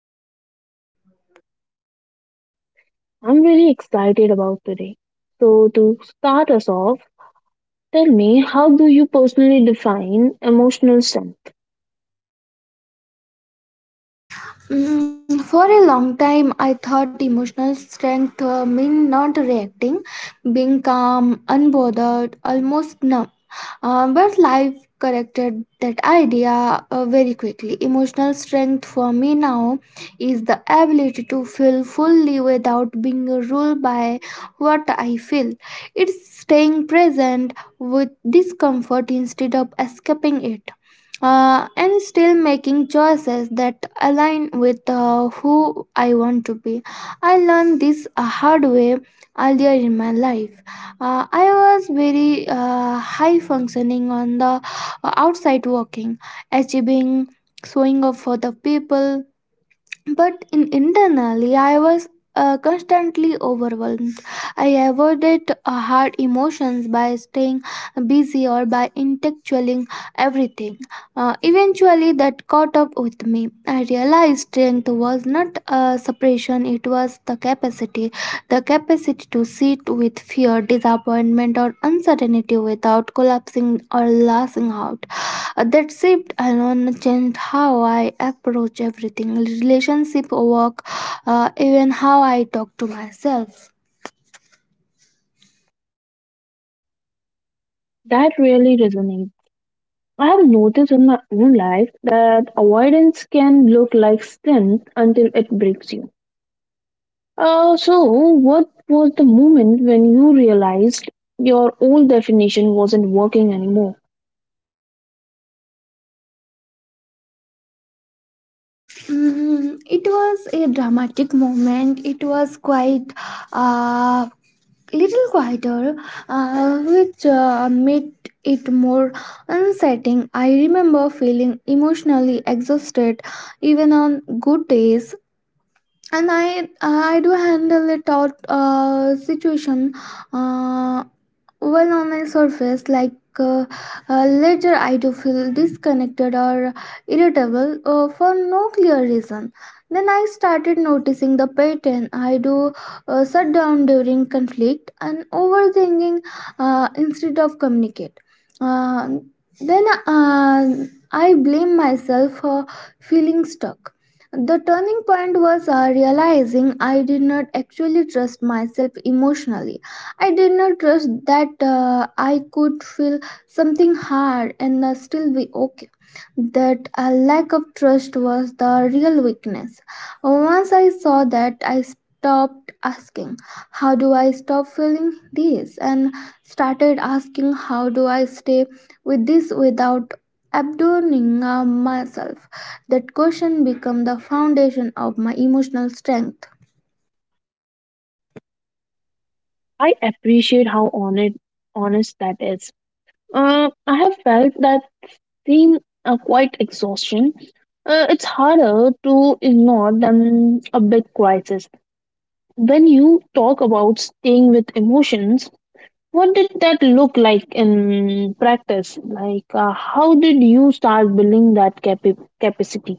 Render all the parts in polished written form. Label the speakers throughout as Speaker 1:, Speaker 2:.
Speaker 1: Today.
Speaker 2: I'm really excited about today. So, to start us off, tell me how do you personally define emotional strength?
Speaker 1: For a long time, I thought emotional strength meant not reacting, being calm, unbothered, almost numb. But life corrected that idea very quickly. Emotional strength for me now is the ability to feel fully without being ruled by what I feel. It's staying present with discomfort instead of escaping it. And still making choices that align with who I want to be. I learned this a hard way earlier in my life. I was very high functioning on the outside, working, achieving, showing up for the people, but in internally I was constantly overwhelmed. I avoided hard emotions by staying busy or by intellectualing everything. Eventually that caught up with me. I realized strength was not a suppression, it was the capacity, the capacity to sit with fear, disappointment, or uncertainty without collapsing or lashing out. That shift alone changed how I approach everything: relationship, work, even how I talk to myself.
Speaker 2: That really resonates. I have noticed in my own life that avoidance can look like strength until it breaks you. So, what was the moment when you realized your old definition wasn't working anymore?
Speaker 1: It was a dramatic moment. It was quite uh, little quieter, which made it more unsettling. I remember feeling emotionally exhausted even on good days. And I do handle a thought situation uh, well on the surface, like uh, later I do feel disconnected or irritable for no clear reason. Then I started noticing the pattern. I do shut down during conflict and overthinking instead of communicate. Uh, then I blame myself for feeling stuck. The turning point was realizing I did not actually trust myself emotionally. I did not trust that I could feel something hard and still be okay. That a lack of trust was the real weakness. Once I saw that, I stopped asking, "How do I stop feeling this?" and started asking, "How do I stay with this without abandoning myself?" That question became the foundation of my emotional strength.
Speaker 2: I appreciate how honest that is. I have felt that seen a quite exhaustion, it's harder to ignore than a big crisis. When you talk about staying with emotions, what did that look like in practice? Like, how did you start building that capacity?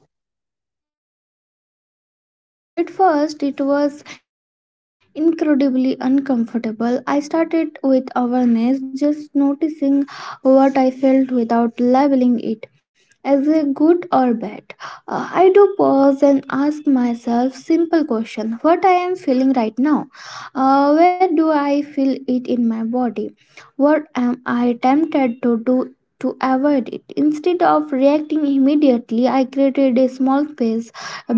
Speaker 1: At first, it was incredibly uncomfortable. I started with awareness, just noticing what I felt without labeling it as a good or bad. I do pause and ask myself simple question: what I am feeling right now? Where do I feel it in my body? What am I tempted to do to avoid it? Instead of reacting immediately, I created a small space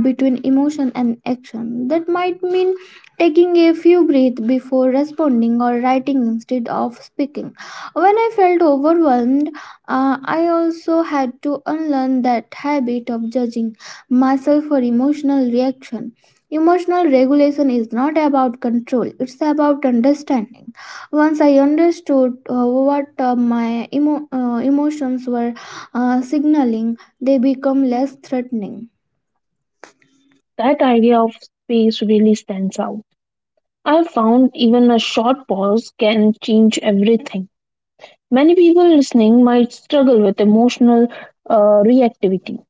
Speaker 1: between emotion and action. That might mean taking a few breaths before responding or writing instead of speaking. When I felt overwhelmed, I also had to unlearn that habit of judging myself for emotional reaction. Emotional regulation is not about control, it's about understanding. Once I understood what my emotions were signaling, they become less threatening.
Speaker 2: That idea of space really stands out. I found even a short pause can change everything. Many people listening might struggle with emotional reactivity,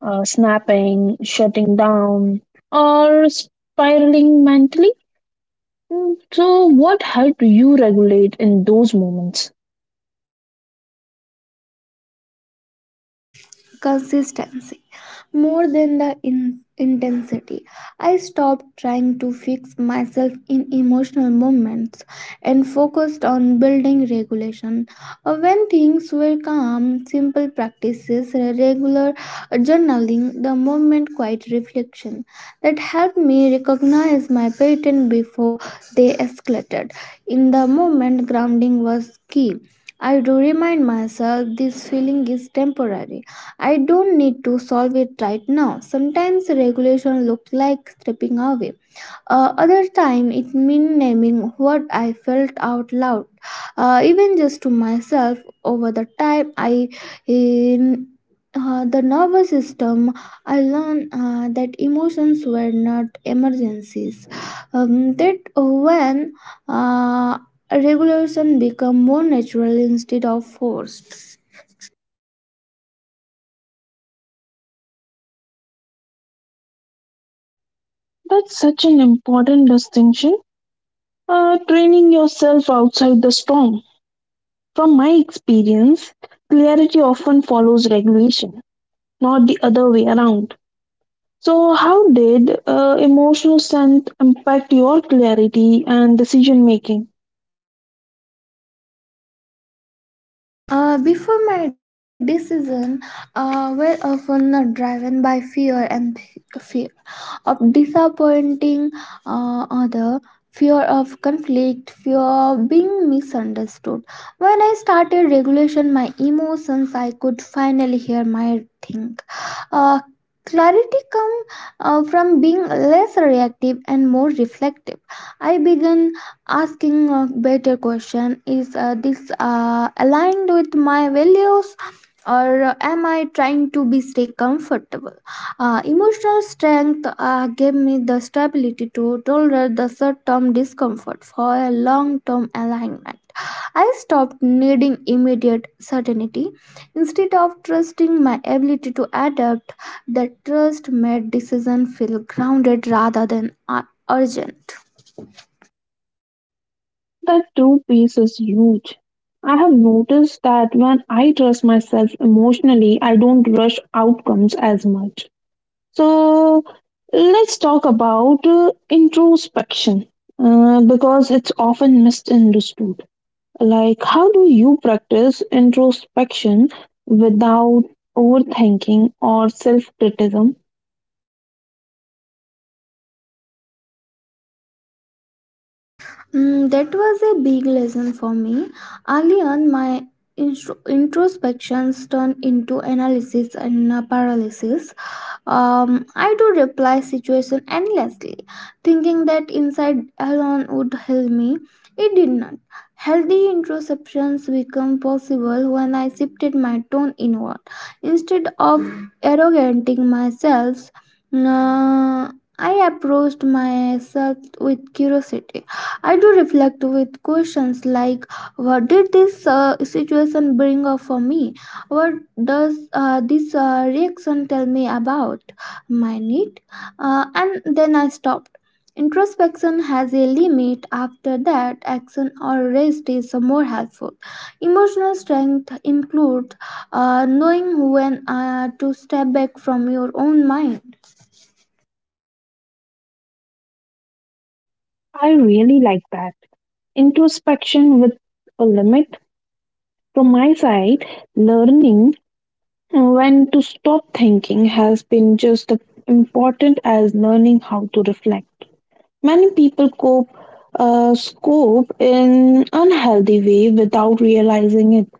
Speaker 2: snapping, shutting down, or spiraling mentally? So what helped you regulate in those moments?
Speaker 1: Consistency more than the intensity. I stopped trying to fix myself in emotional moments and focused on building regulation. When things were calm, simple practices, regular journaling, the moment quiet reflection, that helped me recognize my pattern before they escalated. In the moment, grounding was key. I do remind myself this feeling is temporary, I don't need to solve it right now. Sometimes regulation looked like stepping away. Other time it meant naming what I felt out loud, even just to myself. Over the time, I in the nervous system, I learned that emotions were not emergencies. That when uh, regulation become more natural instead of forced.
Speaker 2: That's such an important distinction. Training yourself outside the storm. From my experience, clarity often follows regulation, not the other way around. So, how did emotional strength impact your clarity and decision making?
Speaker 1: Before, my decision were often driven by fear and fear of disappointing other, fear of conflict, fear of being misunderstood. When I started regulation my emotions, I could finally hear my thing. uh, Clarity come from being less reactive and more reflective. I began asking a better question: is this aligned with my values? Or am I trying to be stay comfortable? Emotional strength gave me the stability to tolerate the short-term discomfort for a long-term alignment. I stopped needing immediate certainty. Instead of trusting my ability to adapt, that trust made decision feel grounded rather than urgent.
Speaker 2: That two piece is huge. I have noticed that when I trust myself emotionally, I don't rush outcomes as much. So let's talk about introspection because it's often misunderstood. Like, how do you practice introspection without overthinking or self criticism?
Speaker 1: That was a big lesson for me. Early on, my introspections turned into analysis and paralysis. I do reply situation endlessly, thinking that inside alone would help me. It did not. Healthy introspections become possible when I shifted my tone inward. Instead of arrogating myself, uh, I approached myself with curiosity. I do reflect with questions like, what did this situation bring up for me? What does this reaction tell me about my need? And then I stopped. Introspection has a limit. After that, action or rest is more helpful. Emotional strength includes knowing when to step back from your own mind.
Speaker 2: I really like that. Introspection with a limit. From my side, learning when to stop thinking has been just as important as learning how to reflect. Many people cope scope in unhealthy way without realizing it.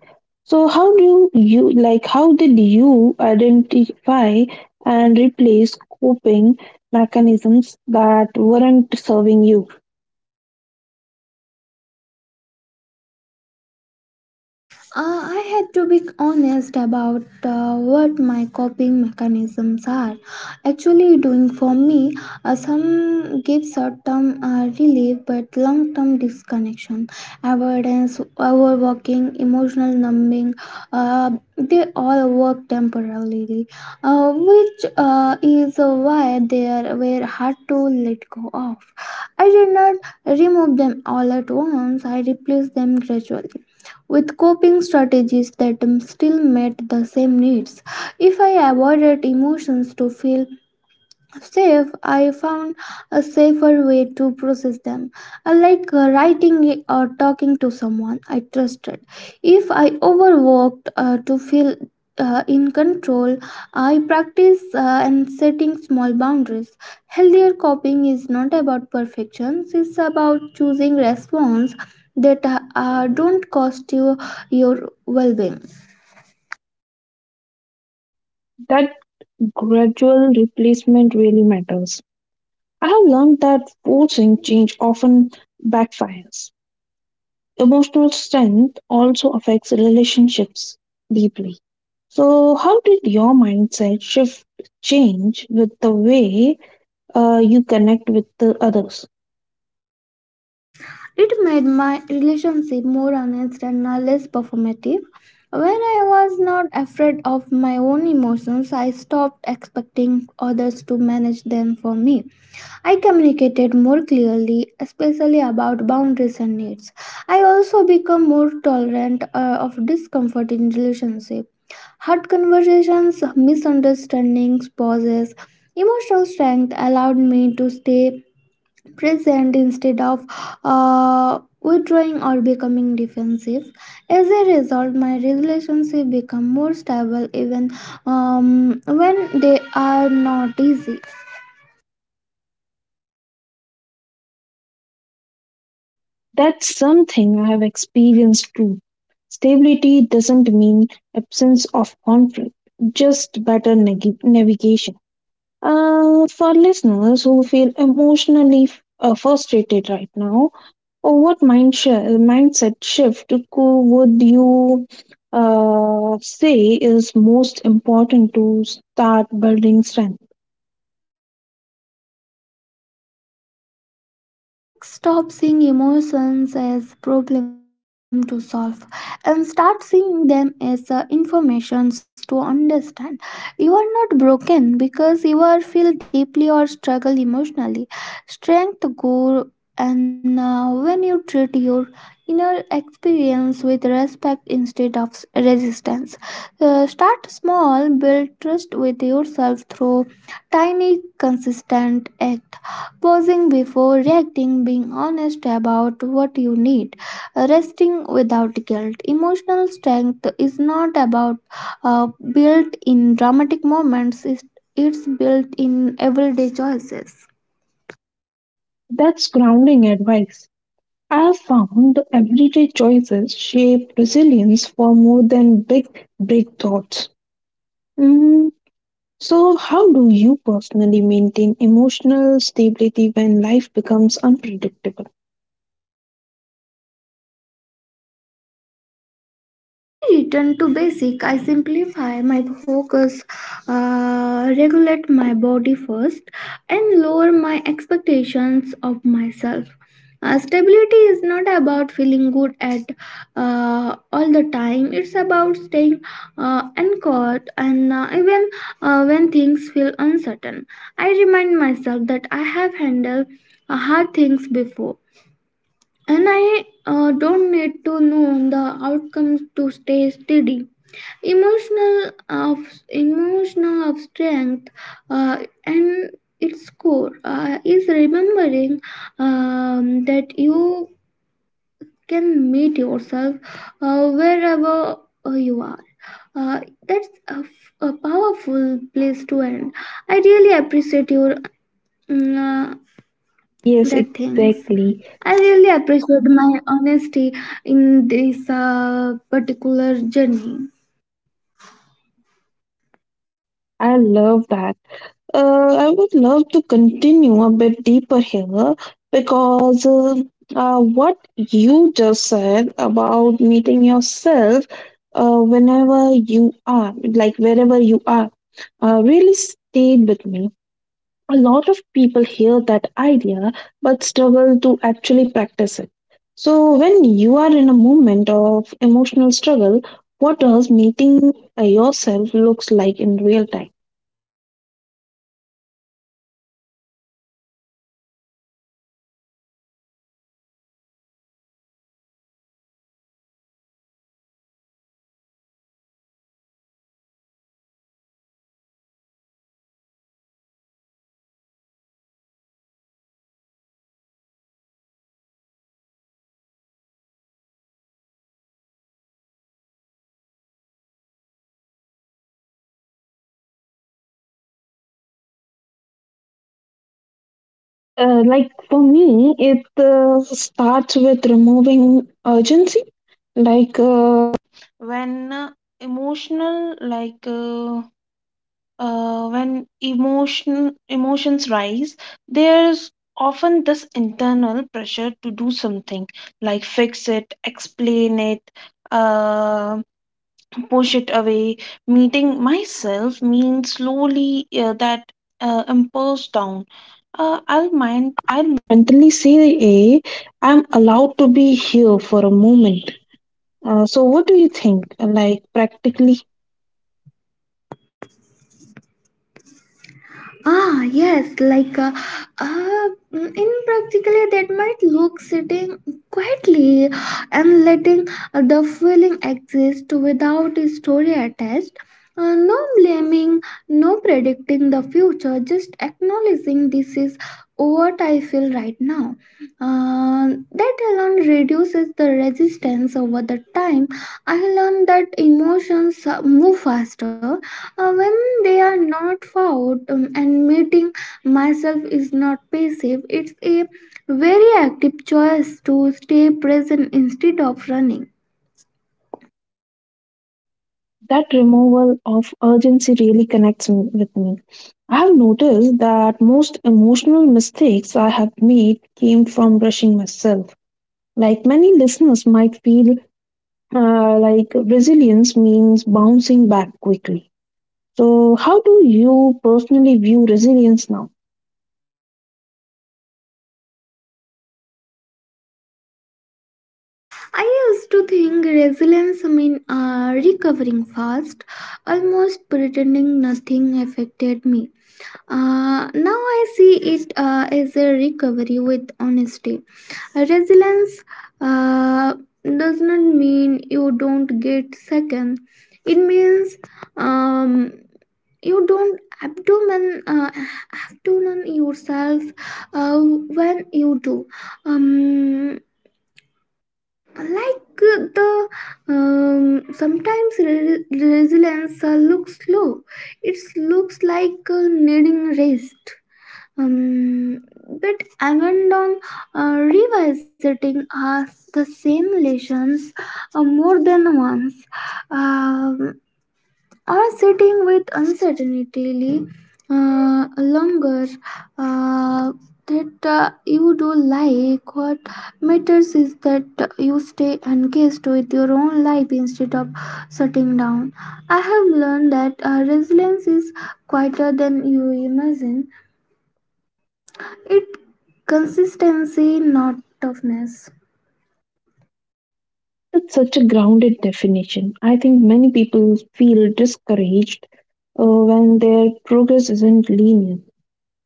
Speaker 2: So how do you like how did you identify and replace coping mechanisms that weren't serving you?
Speaker 1: Uh, I had to be honest about what my coping mechanisms are actually doing for me. Some give short term relief, but long term disconnection, avoidance, overworking, emotional numbing, uh, they all work temporarily, which is why were hard to let go of. I did not remove them all at once, I replaced them gradually with coping strategies that still met the same needs. If I avoided emotions to feel safe, I found a safer way to process them, I like writing or talking to someone I trusted. If I overworked to feel in control, I practice and setting small boundaries. Healthier coping is not about perfection; it's about choosing response that don't cost you your well-being.
Speaker 2: That gradual replacement really matters. I have learned that forcing change often backfires. Emotional strength also affects relationships deeply. So, how did your mindset shift change with the way you connect with the others?
Speaker 1: It made my relationship more honest and less performative. When I was not afraid of my own emotions, I stopped expecting others to manage them for me. I communicated more clearly, especially about boundaries and needs. I also became more tolerant of discomfort in relationships. Hard conversations, misunderstandings, pauses, emotional strength allowed me to stay present instead of withdrawing or becoming defensive. As a result, my relationship become more stable even when they are not easy.
Speaker 2: That's something I have experienced too. Stability doesn't mean absence of conflict, just better navigation. For listeners who feel emotionally frustrated right now, or what mindset shift would you say is most important to start building strength?
Speaker 1: Like, stop seeing emotions as problem to solve and start seeing them as informations to understand. You are not broken because you are feel deeply or struggle emotionally. Strength grow and when you treat your inner experience with respect instead of resistance. Start small, build trust with yourself through tiny consistent act: pausing before reacting, being honest about what you need, resting without guilt. Emotional strength is not about uh, built in dramatic moments, it's built in everyday choices.
Speaker 2: That's grounding advice. I have found the everyday choices shape resilience for more than big thoughts. Mm, so, how do you personally maintain emotional stability when life becomes unpredictable?
Speaker 1: I return to basic. I simplify my focus, regulate my body first, and lower my expectations of myself. Stability is not about feeling good at all the time. It's about staying anchored, and even when things feel uncertain, I remind myself that I have handled hard things before and I don't need to know the outcomes to stay steady. Emotional of emotional of strength uh, and its core is remembering that you can meet yourself wherever you are. Uh, that's a, a powerful place to end. I really appreciate your mm, uh,
Speaker 2: Yes,
Speaker 1: that things.
Speaker 2: exactly.
Speaker 1: I really appreciate my honesty in this particular journey.
Speaker 2: I love that. I would love to continue a bit deeper here because what you just said about meeting yourself whenever you are, like wherever you are, really stayed with me. A lot of people hear that idea but struggle to actually practice it. So, when you are in a moment of emotional struggle, what does meeting yourself looks like in real time? Like for me, it starts with removing urgency. Like uh, when uh, like when emotions rise, there's often this internal pressure to do something, like fix it, explain it, uh, push it away. Meeting myself means slowly that impulse down. I'll mind. I'll mentally say, "A, I'm allowed to be here for a moment." So, what do you think? Like practically,
Speaker 1: Ah, yes, in practically that might look sitting quietly and letting the feeling exist without a story attached. No blaming, no predicting the future, just acknowledging this is what I feel right now. That alone reduces the resistance over the time. I learned that emotions move faster when they are not found, and meeting myself is not passive, it's a very active choice to stay present instead of running.
Speaker 2: that removal of urgency really connects me, with me. I have noticed that most emotional mistakes I have made came from rushing myself. Like many listeners might feel, like resilience means bouncing back quickly. So, how do you personally view resilience now?
Speaker 1: I used to think resilience mean recovering fast, almost pretending nothing affected me. Now I see it as a recovery with honesty. Resilience uh, does not mean you don't get second. It means um, you don't abdomen abdomen yourself when you do. Um, like the Sometimes resilience looks slow. It looks like needing rest. Um, but Amazon revisiting us the same lessons more than once, um, or sitting with uncertainty longer. Uh, that You do like what matters is that you stay engaged your own life instead of shutting down. I have learned that resilience is quieter than you imagine, it consistency not toughness.
Speaker 2: That's such a grounded definition. I think many people feel discouraged when their progress isn't linear.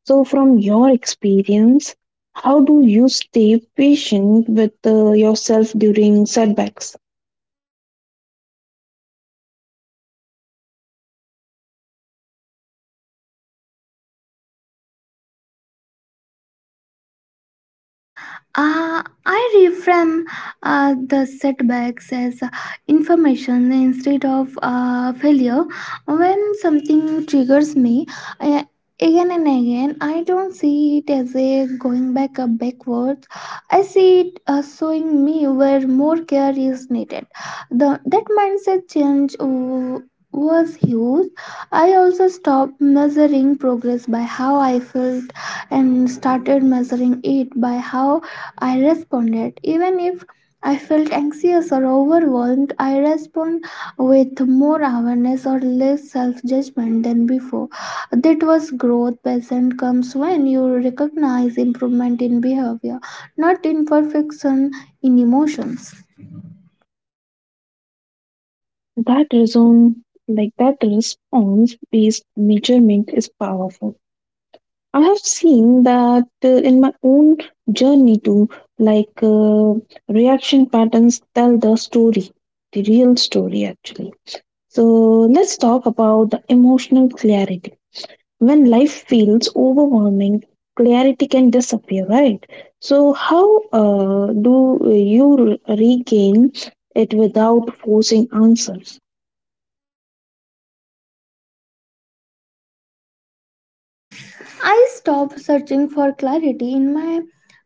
Speaker 2: So, from your experience, how do you stay patient with yourself during setbacks?
Speaker 1: I reframe the setbacks as information instead of failure. When something triggers me uh, again and again, I don't see it as a going back up backwards. I see it as showing me where more care is needed. That mindset change was huge. I also stopped measuring progress by how I felt and started measuring it by how I responded. Even if I felt anxious or overwhelmed, I respond with more awareness or less self judgment than before. That was growth present comes when you recognize improvement in behavior, not imperfection in emotions.
Speaker 2: That reason, like that response-based measurement is powerful. I have seen that in my own journey too. Like, reaction patterns tell the story, the real story actually. So let's talk about the emotional clarity. When life feels overwhelming, clarity can disappear, right? So how do you regain it without forcing answers?
Speaker 1: I stopped searching for clarity in my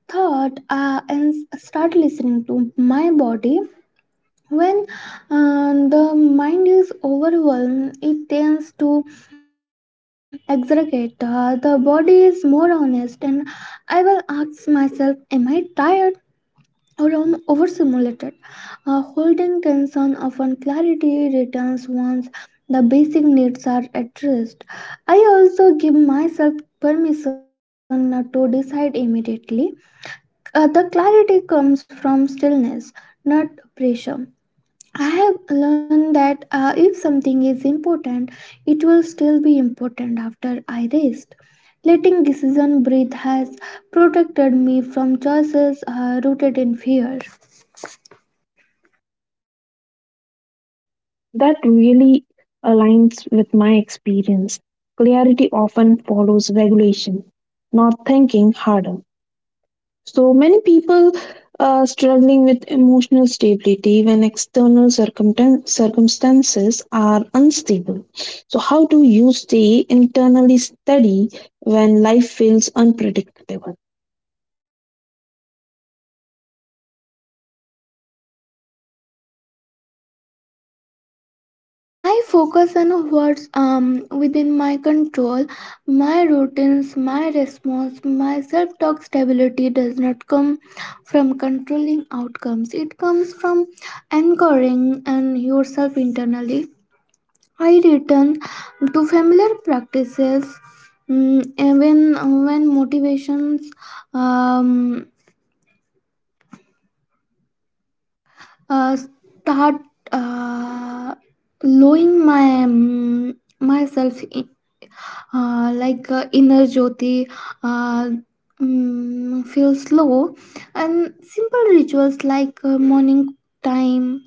Speaker 1: thought and start listening to my body. When the mind is overwhelmed, it tends to exaggerate. The body is more honest, and I will ask myself, am I tired or am I overstimulated? Holding tension, often clarity returns once the basic needs are addressed. I also give myself permission not to decide immediately. The clarity comes from stillness, not pressure. I have learned that if something is important, it will still be important after I rest. Letting decision breathe has protected me from choices rooted in fear.
Speaker 2: That really aligns with my experience. Clarity often follows regulation, not thinking harder. So many people are struggling with emotional stability when external circumstances are unstable. So, how do you stay internally steady when life feels unpredictable?
Speaker 1: I focus on what's within my control, my routines, my response, my self talk. Stability does not come from controlling outcomes. It comes from anchoring and yourself internally. I return to familiar practices, even when motivations um, start uh, lowering, my myself in, inner jyoti uh, feels low, and simple rituals like morning time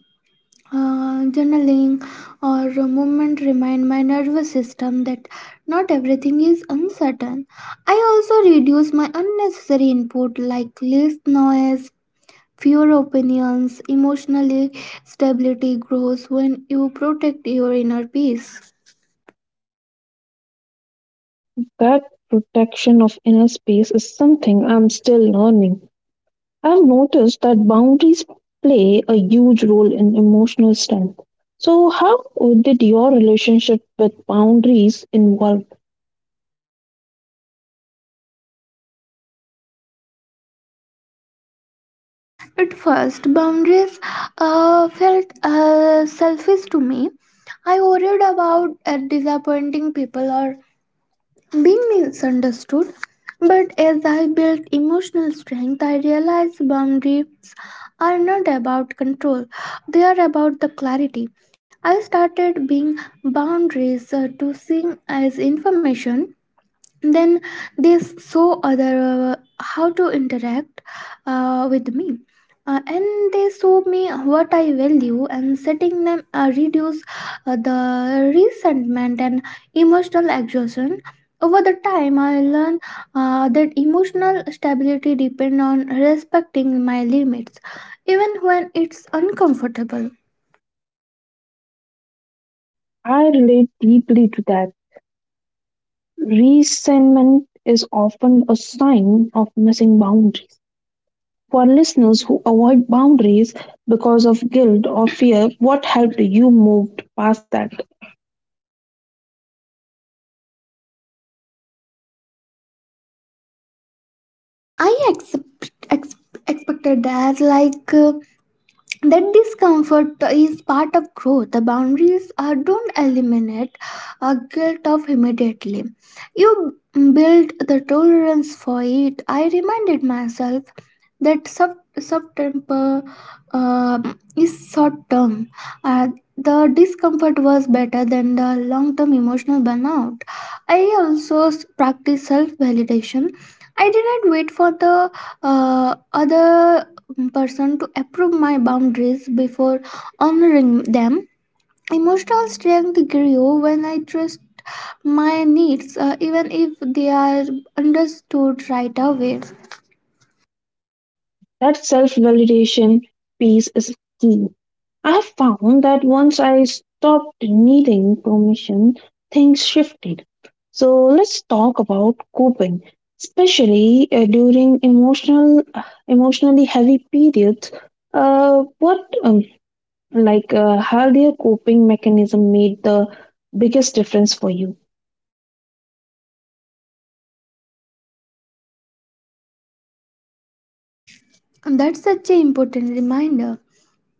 Speaker 1: journaling or movement remind my nervous system that not everything is uncertain. I also reduce my unnecessary input, like less noise, fewer opinions. Emotionally, stability grows when you protect your inner peace.
Speaker 2: That protection of inner space is something I'm still learning. I've noticed that boundaries play a huge role in emotional strength. So, how did your relationship with boundaries involve?
Speaker 1: At first, boundaries felt selfish to me. I worried about disappointing people or being misunderstood. But as I built emotional strength, I realized boundaries are not about control, they are about the clarity. I started being boundaries to seeing as information, then they saw other how to interact with me. And they show me what I value, and setting them reduce the resentment and emotional exhaustion. Over the time I learned that emotional stability depend on respecting my limits, even when it's uncomfortable.
Speaker 2: I relate deeply to that. Resentment is often a sign of missing boundaries. For listeners who avoid boundaries because of guilt or fear, what helped you move past that?
Speaker 1: I accept, expected that, like, that discomfort is part of growth. The boundaries don't eliminate guilt of immediately, you build the tolerance for it. I reminded myself that sub soft temper is short term. uh, the discomfort was better than the long term emotional burnout. I also practiced self validation. I didn't wait for the other person to approve my boundaries before honoring them. Emotional strength grew when I trust my needs, even if they are understood right away.
Speaker 2: That self validation piece is key. I have found that once I stopped needing permission, things shifted. So let's talk about coping, especially during emotionally heavy periods. What healthier coping mechanism made the biggest difference for you?
Speaker 1: That's such an important reminder.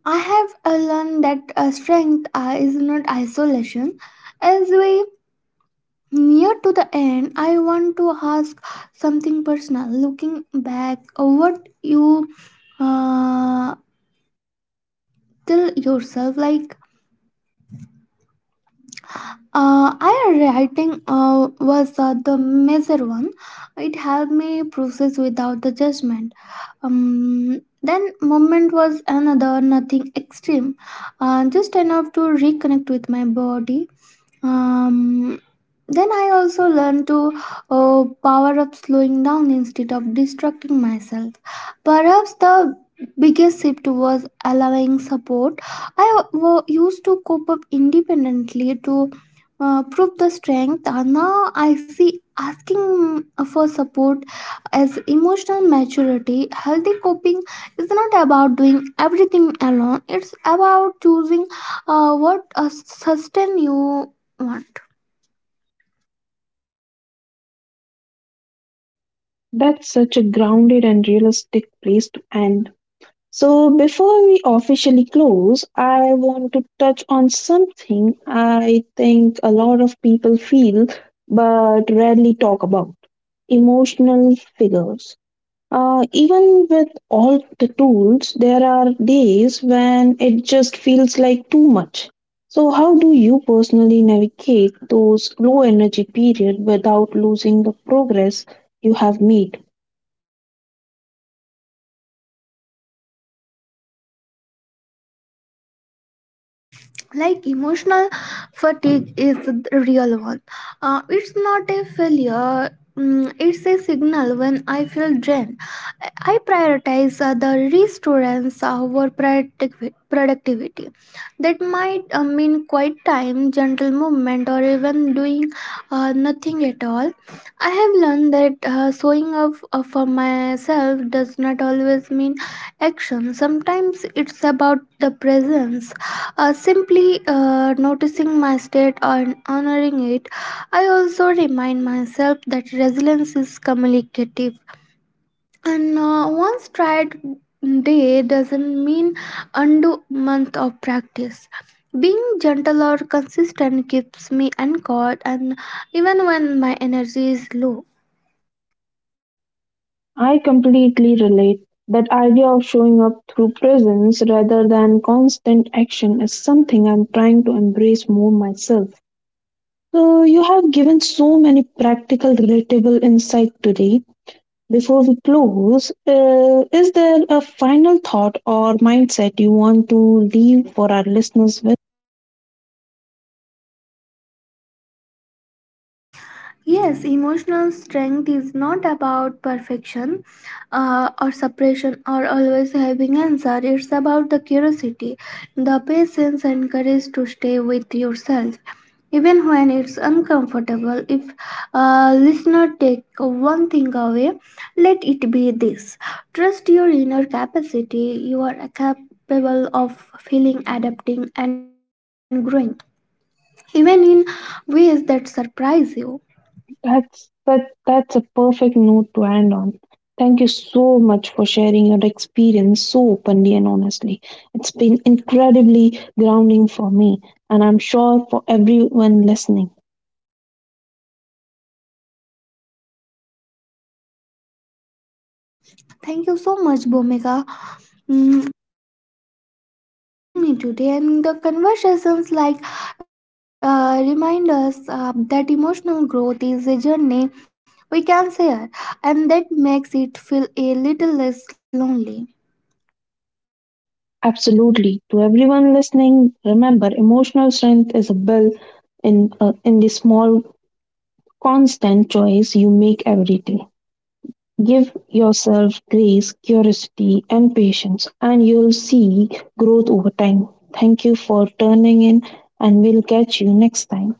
Speaker 1: I have learned that strength is not isolation. As we near to the end, I want to ask something personal. Looking back, what you uh, tell yourself, like I writing was the major one. It helped me process without the judgment. Then moment was another, nothing extreme, just enough to reconnect with my body. um, then I also learned to power up slowing down instead of distracting myself. Perhaps the biggest shift was allowing support. I used to cope up independently to prove the strength. Now I see asking for support as emotional maturity. Healthy coping is not about doing everything alone, it's about choosing what sustain you one.
Speaker 2: That's such a grounded and realistic place to end. So, before we officially close, I want to touch on something I think a lot of people feel but rarely talk about emotional figures. Even with all the tools, there are days when it just feels like too much. So, how do you personally navigate those low energy periods without losing the progress you have made?
Speaker 1: Like, emotional fatigue is the real one. It's not a failure. Mm, it's a signal. When I feel drained, I prioritize the restaurants over productivity. That might mean quiet time, gentle movement, or even doing nothing at all. I have learned that showing up for myself does not always mean action. Sometimes it's about the presence. Simply noticing my state and honoring it, I also remind myself that resilience is communicative. And once tried day doesn't mean undo month of practice. Being gentle or consistent keeps me anchored, and even when my energy is low.
Speaker 2: I completely relate. That idea of showing up through presence rather than constant action is something I'm trying to embrace more myself. So, you have given so many practical, relatable insight today. Before we close, is there a final thought or mindset you want to leave for our listeners with?
Speaker 1: Yes, emotional strength is not about perfection or suppression or always having answer. It's about the curiosity, the patience, and courage to stay with yourself, even when it's uncomfortable. If listener take one thing away, let it be this: trust your inner capacity. You are capable of feeling, adapting, and growing, even in ways that surprise you.
Speaker 2: That's a perfect note to end on. Thank you so much for sharing your experience so openly and honestly. It's been incredibly grounding for me and I'm sure for everyone listening.
Speaker 1: Thank you so much, Bomega, mm, for having me today. And the conversations like remind us that emotional growth is a journey we can share, and that makes it feel a little less lonely.
Speaker 2: Absolutely. To everyone listening, remember emotional strength is a built in the small constant choice you make every day. Give yourself grace, curiosity, and patience, and you'll see growth over time. Thank you for turning in, and we'll catch you next time.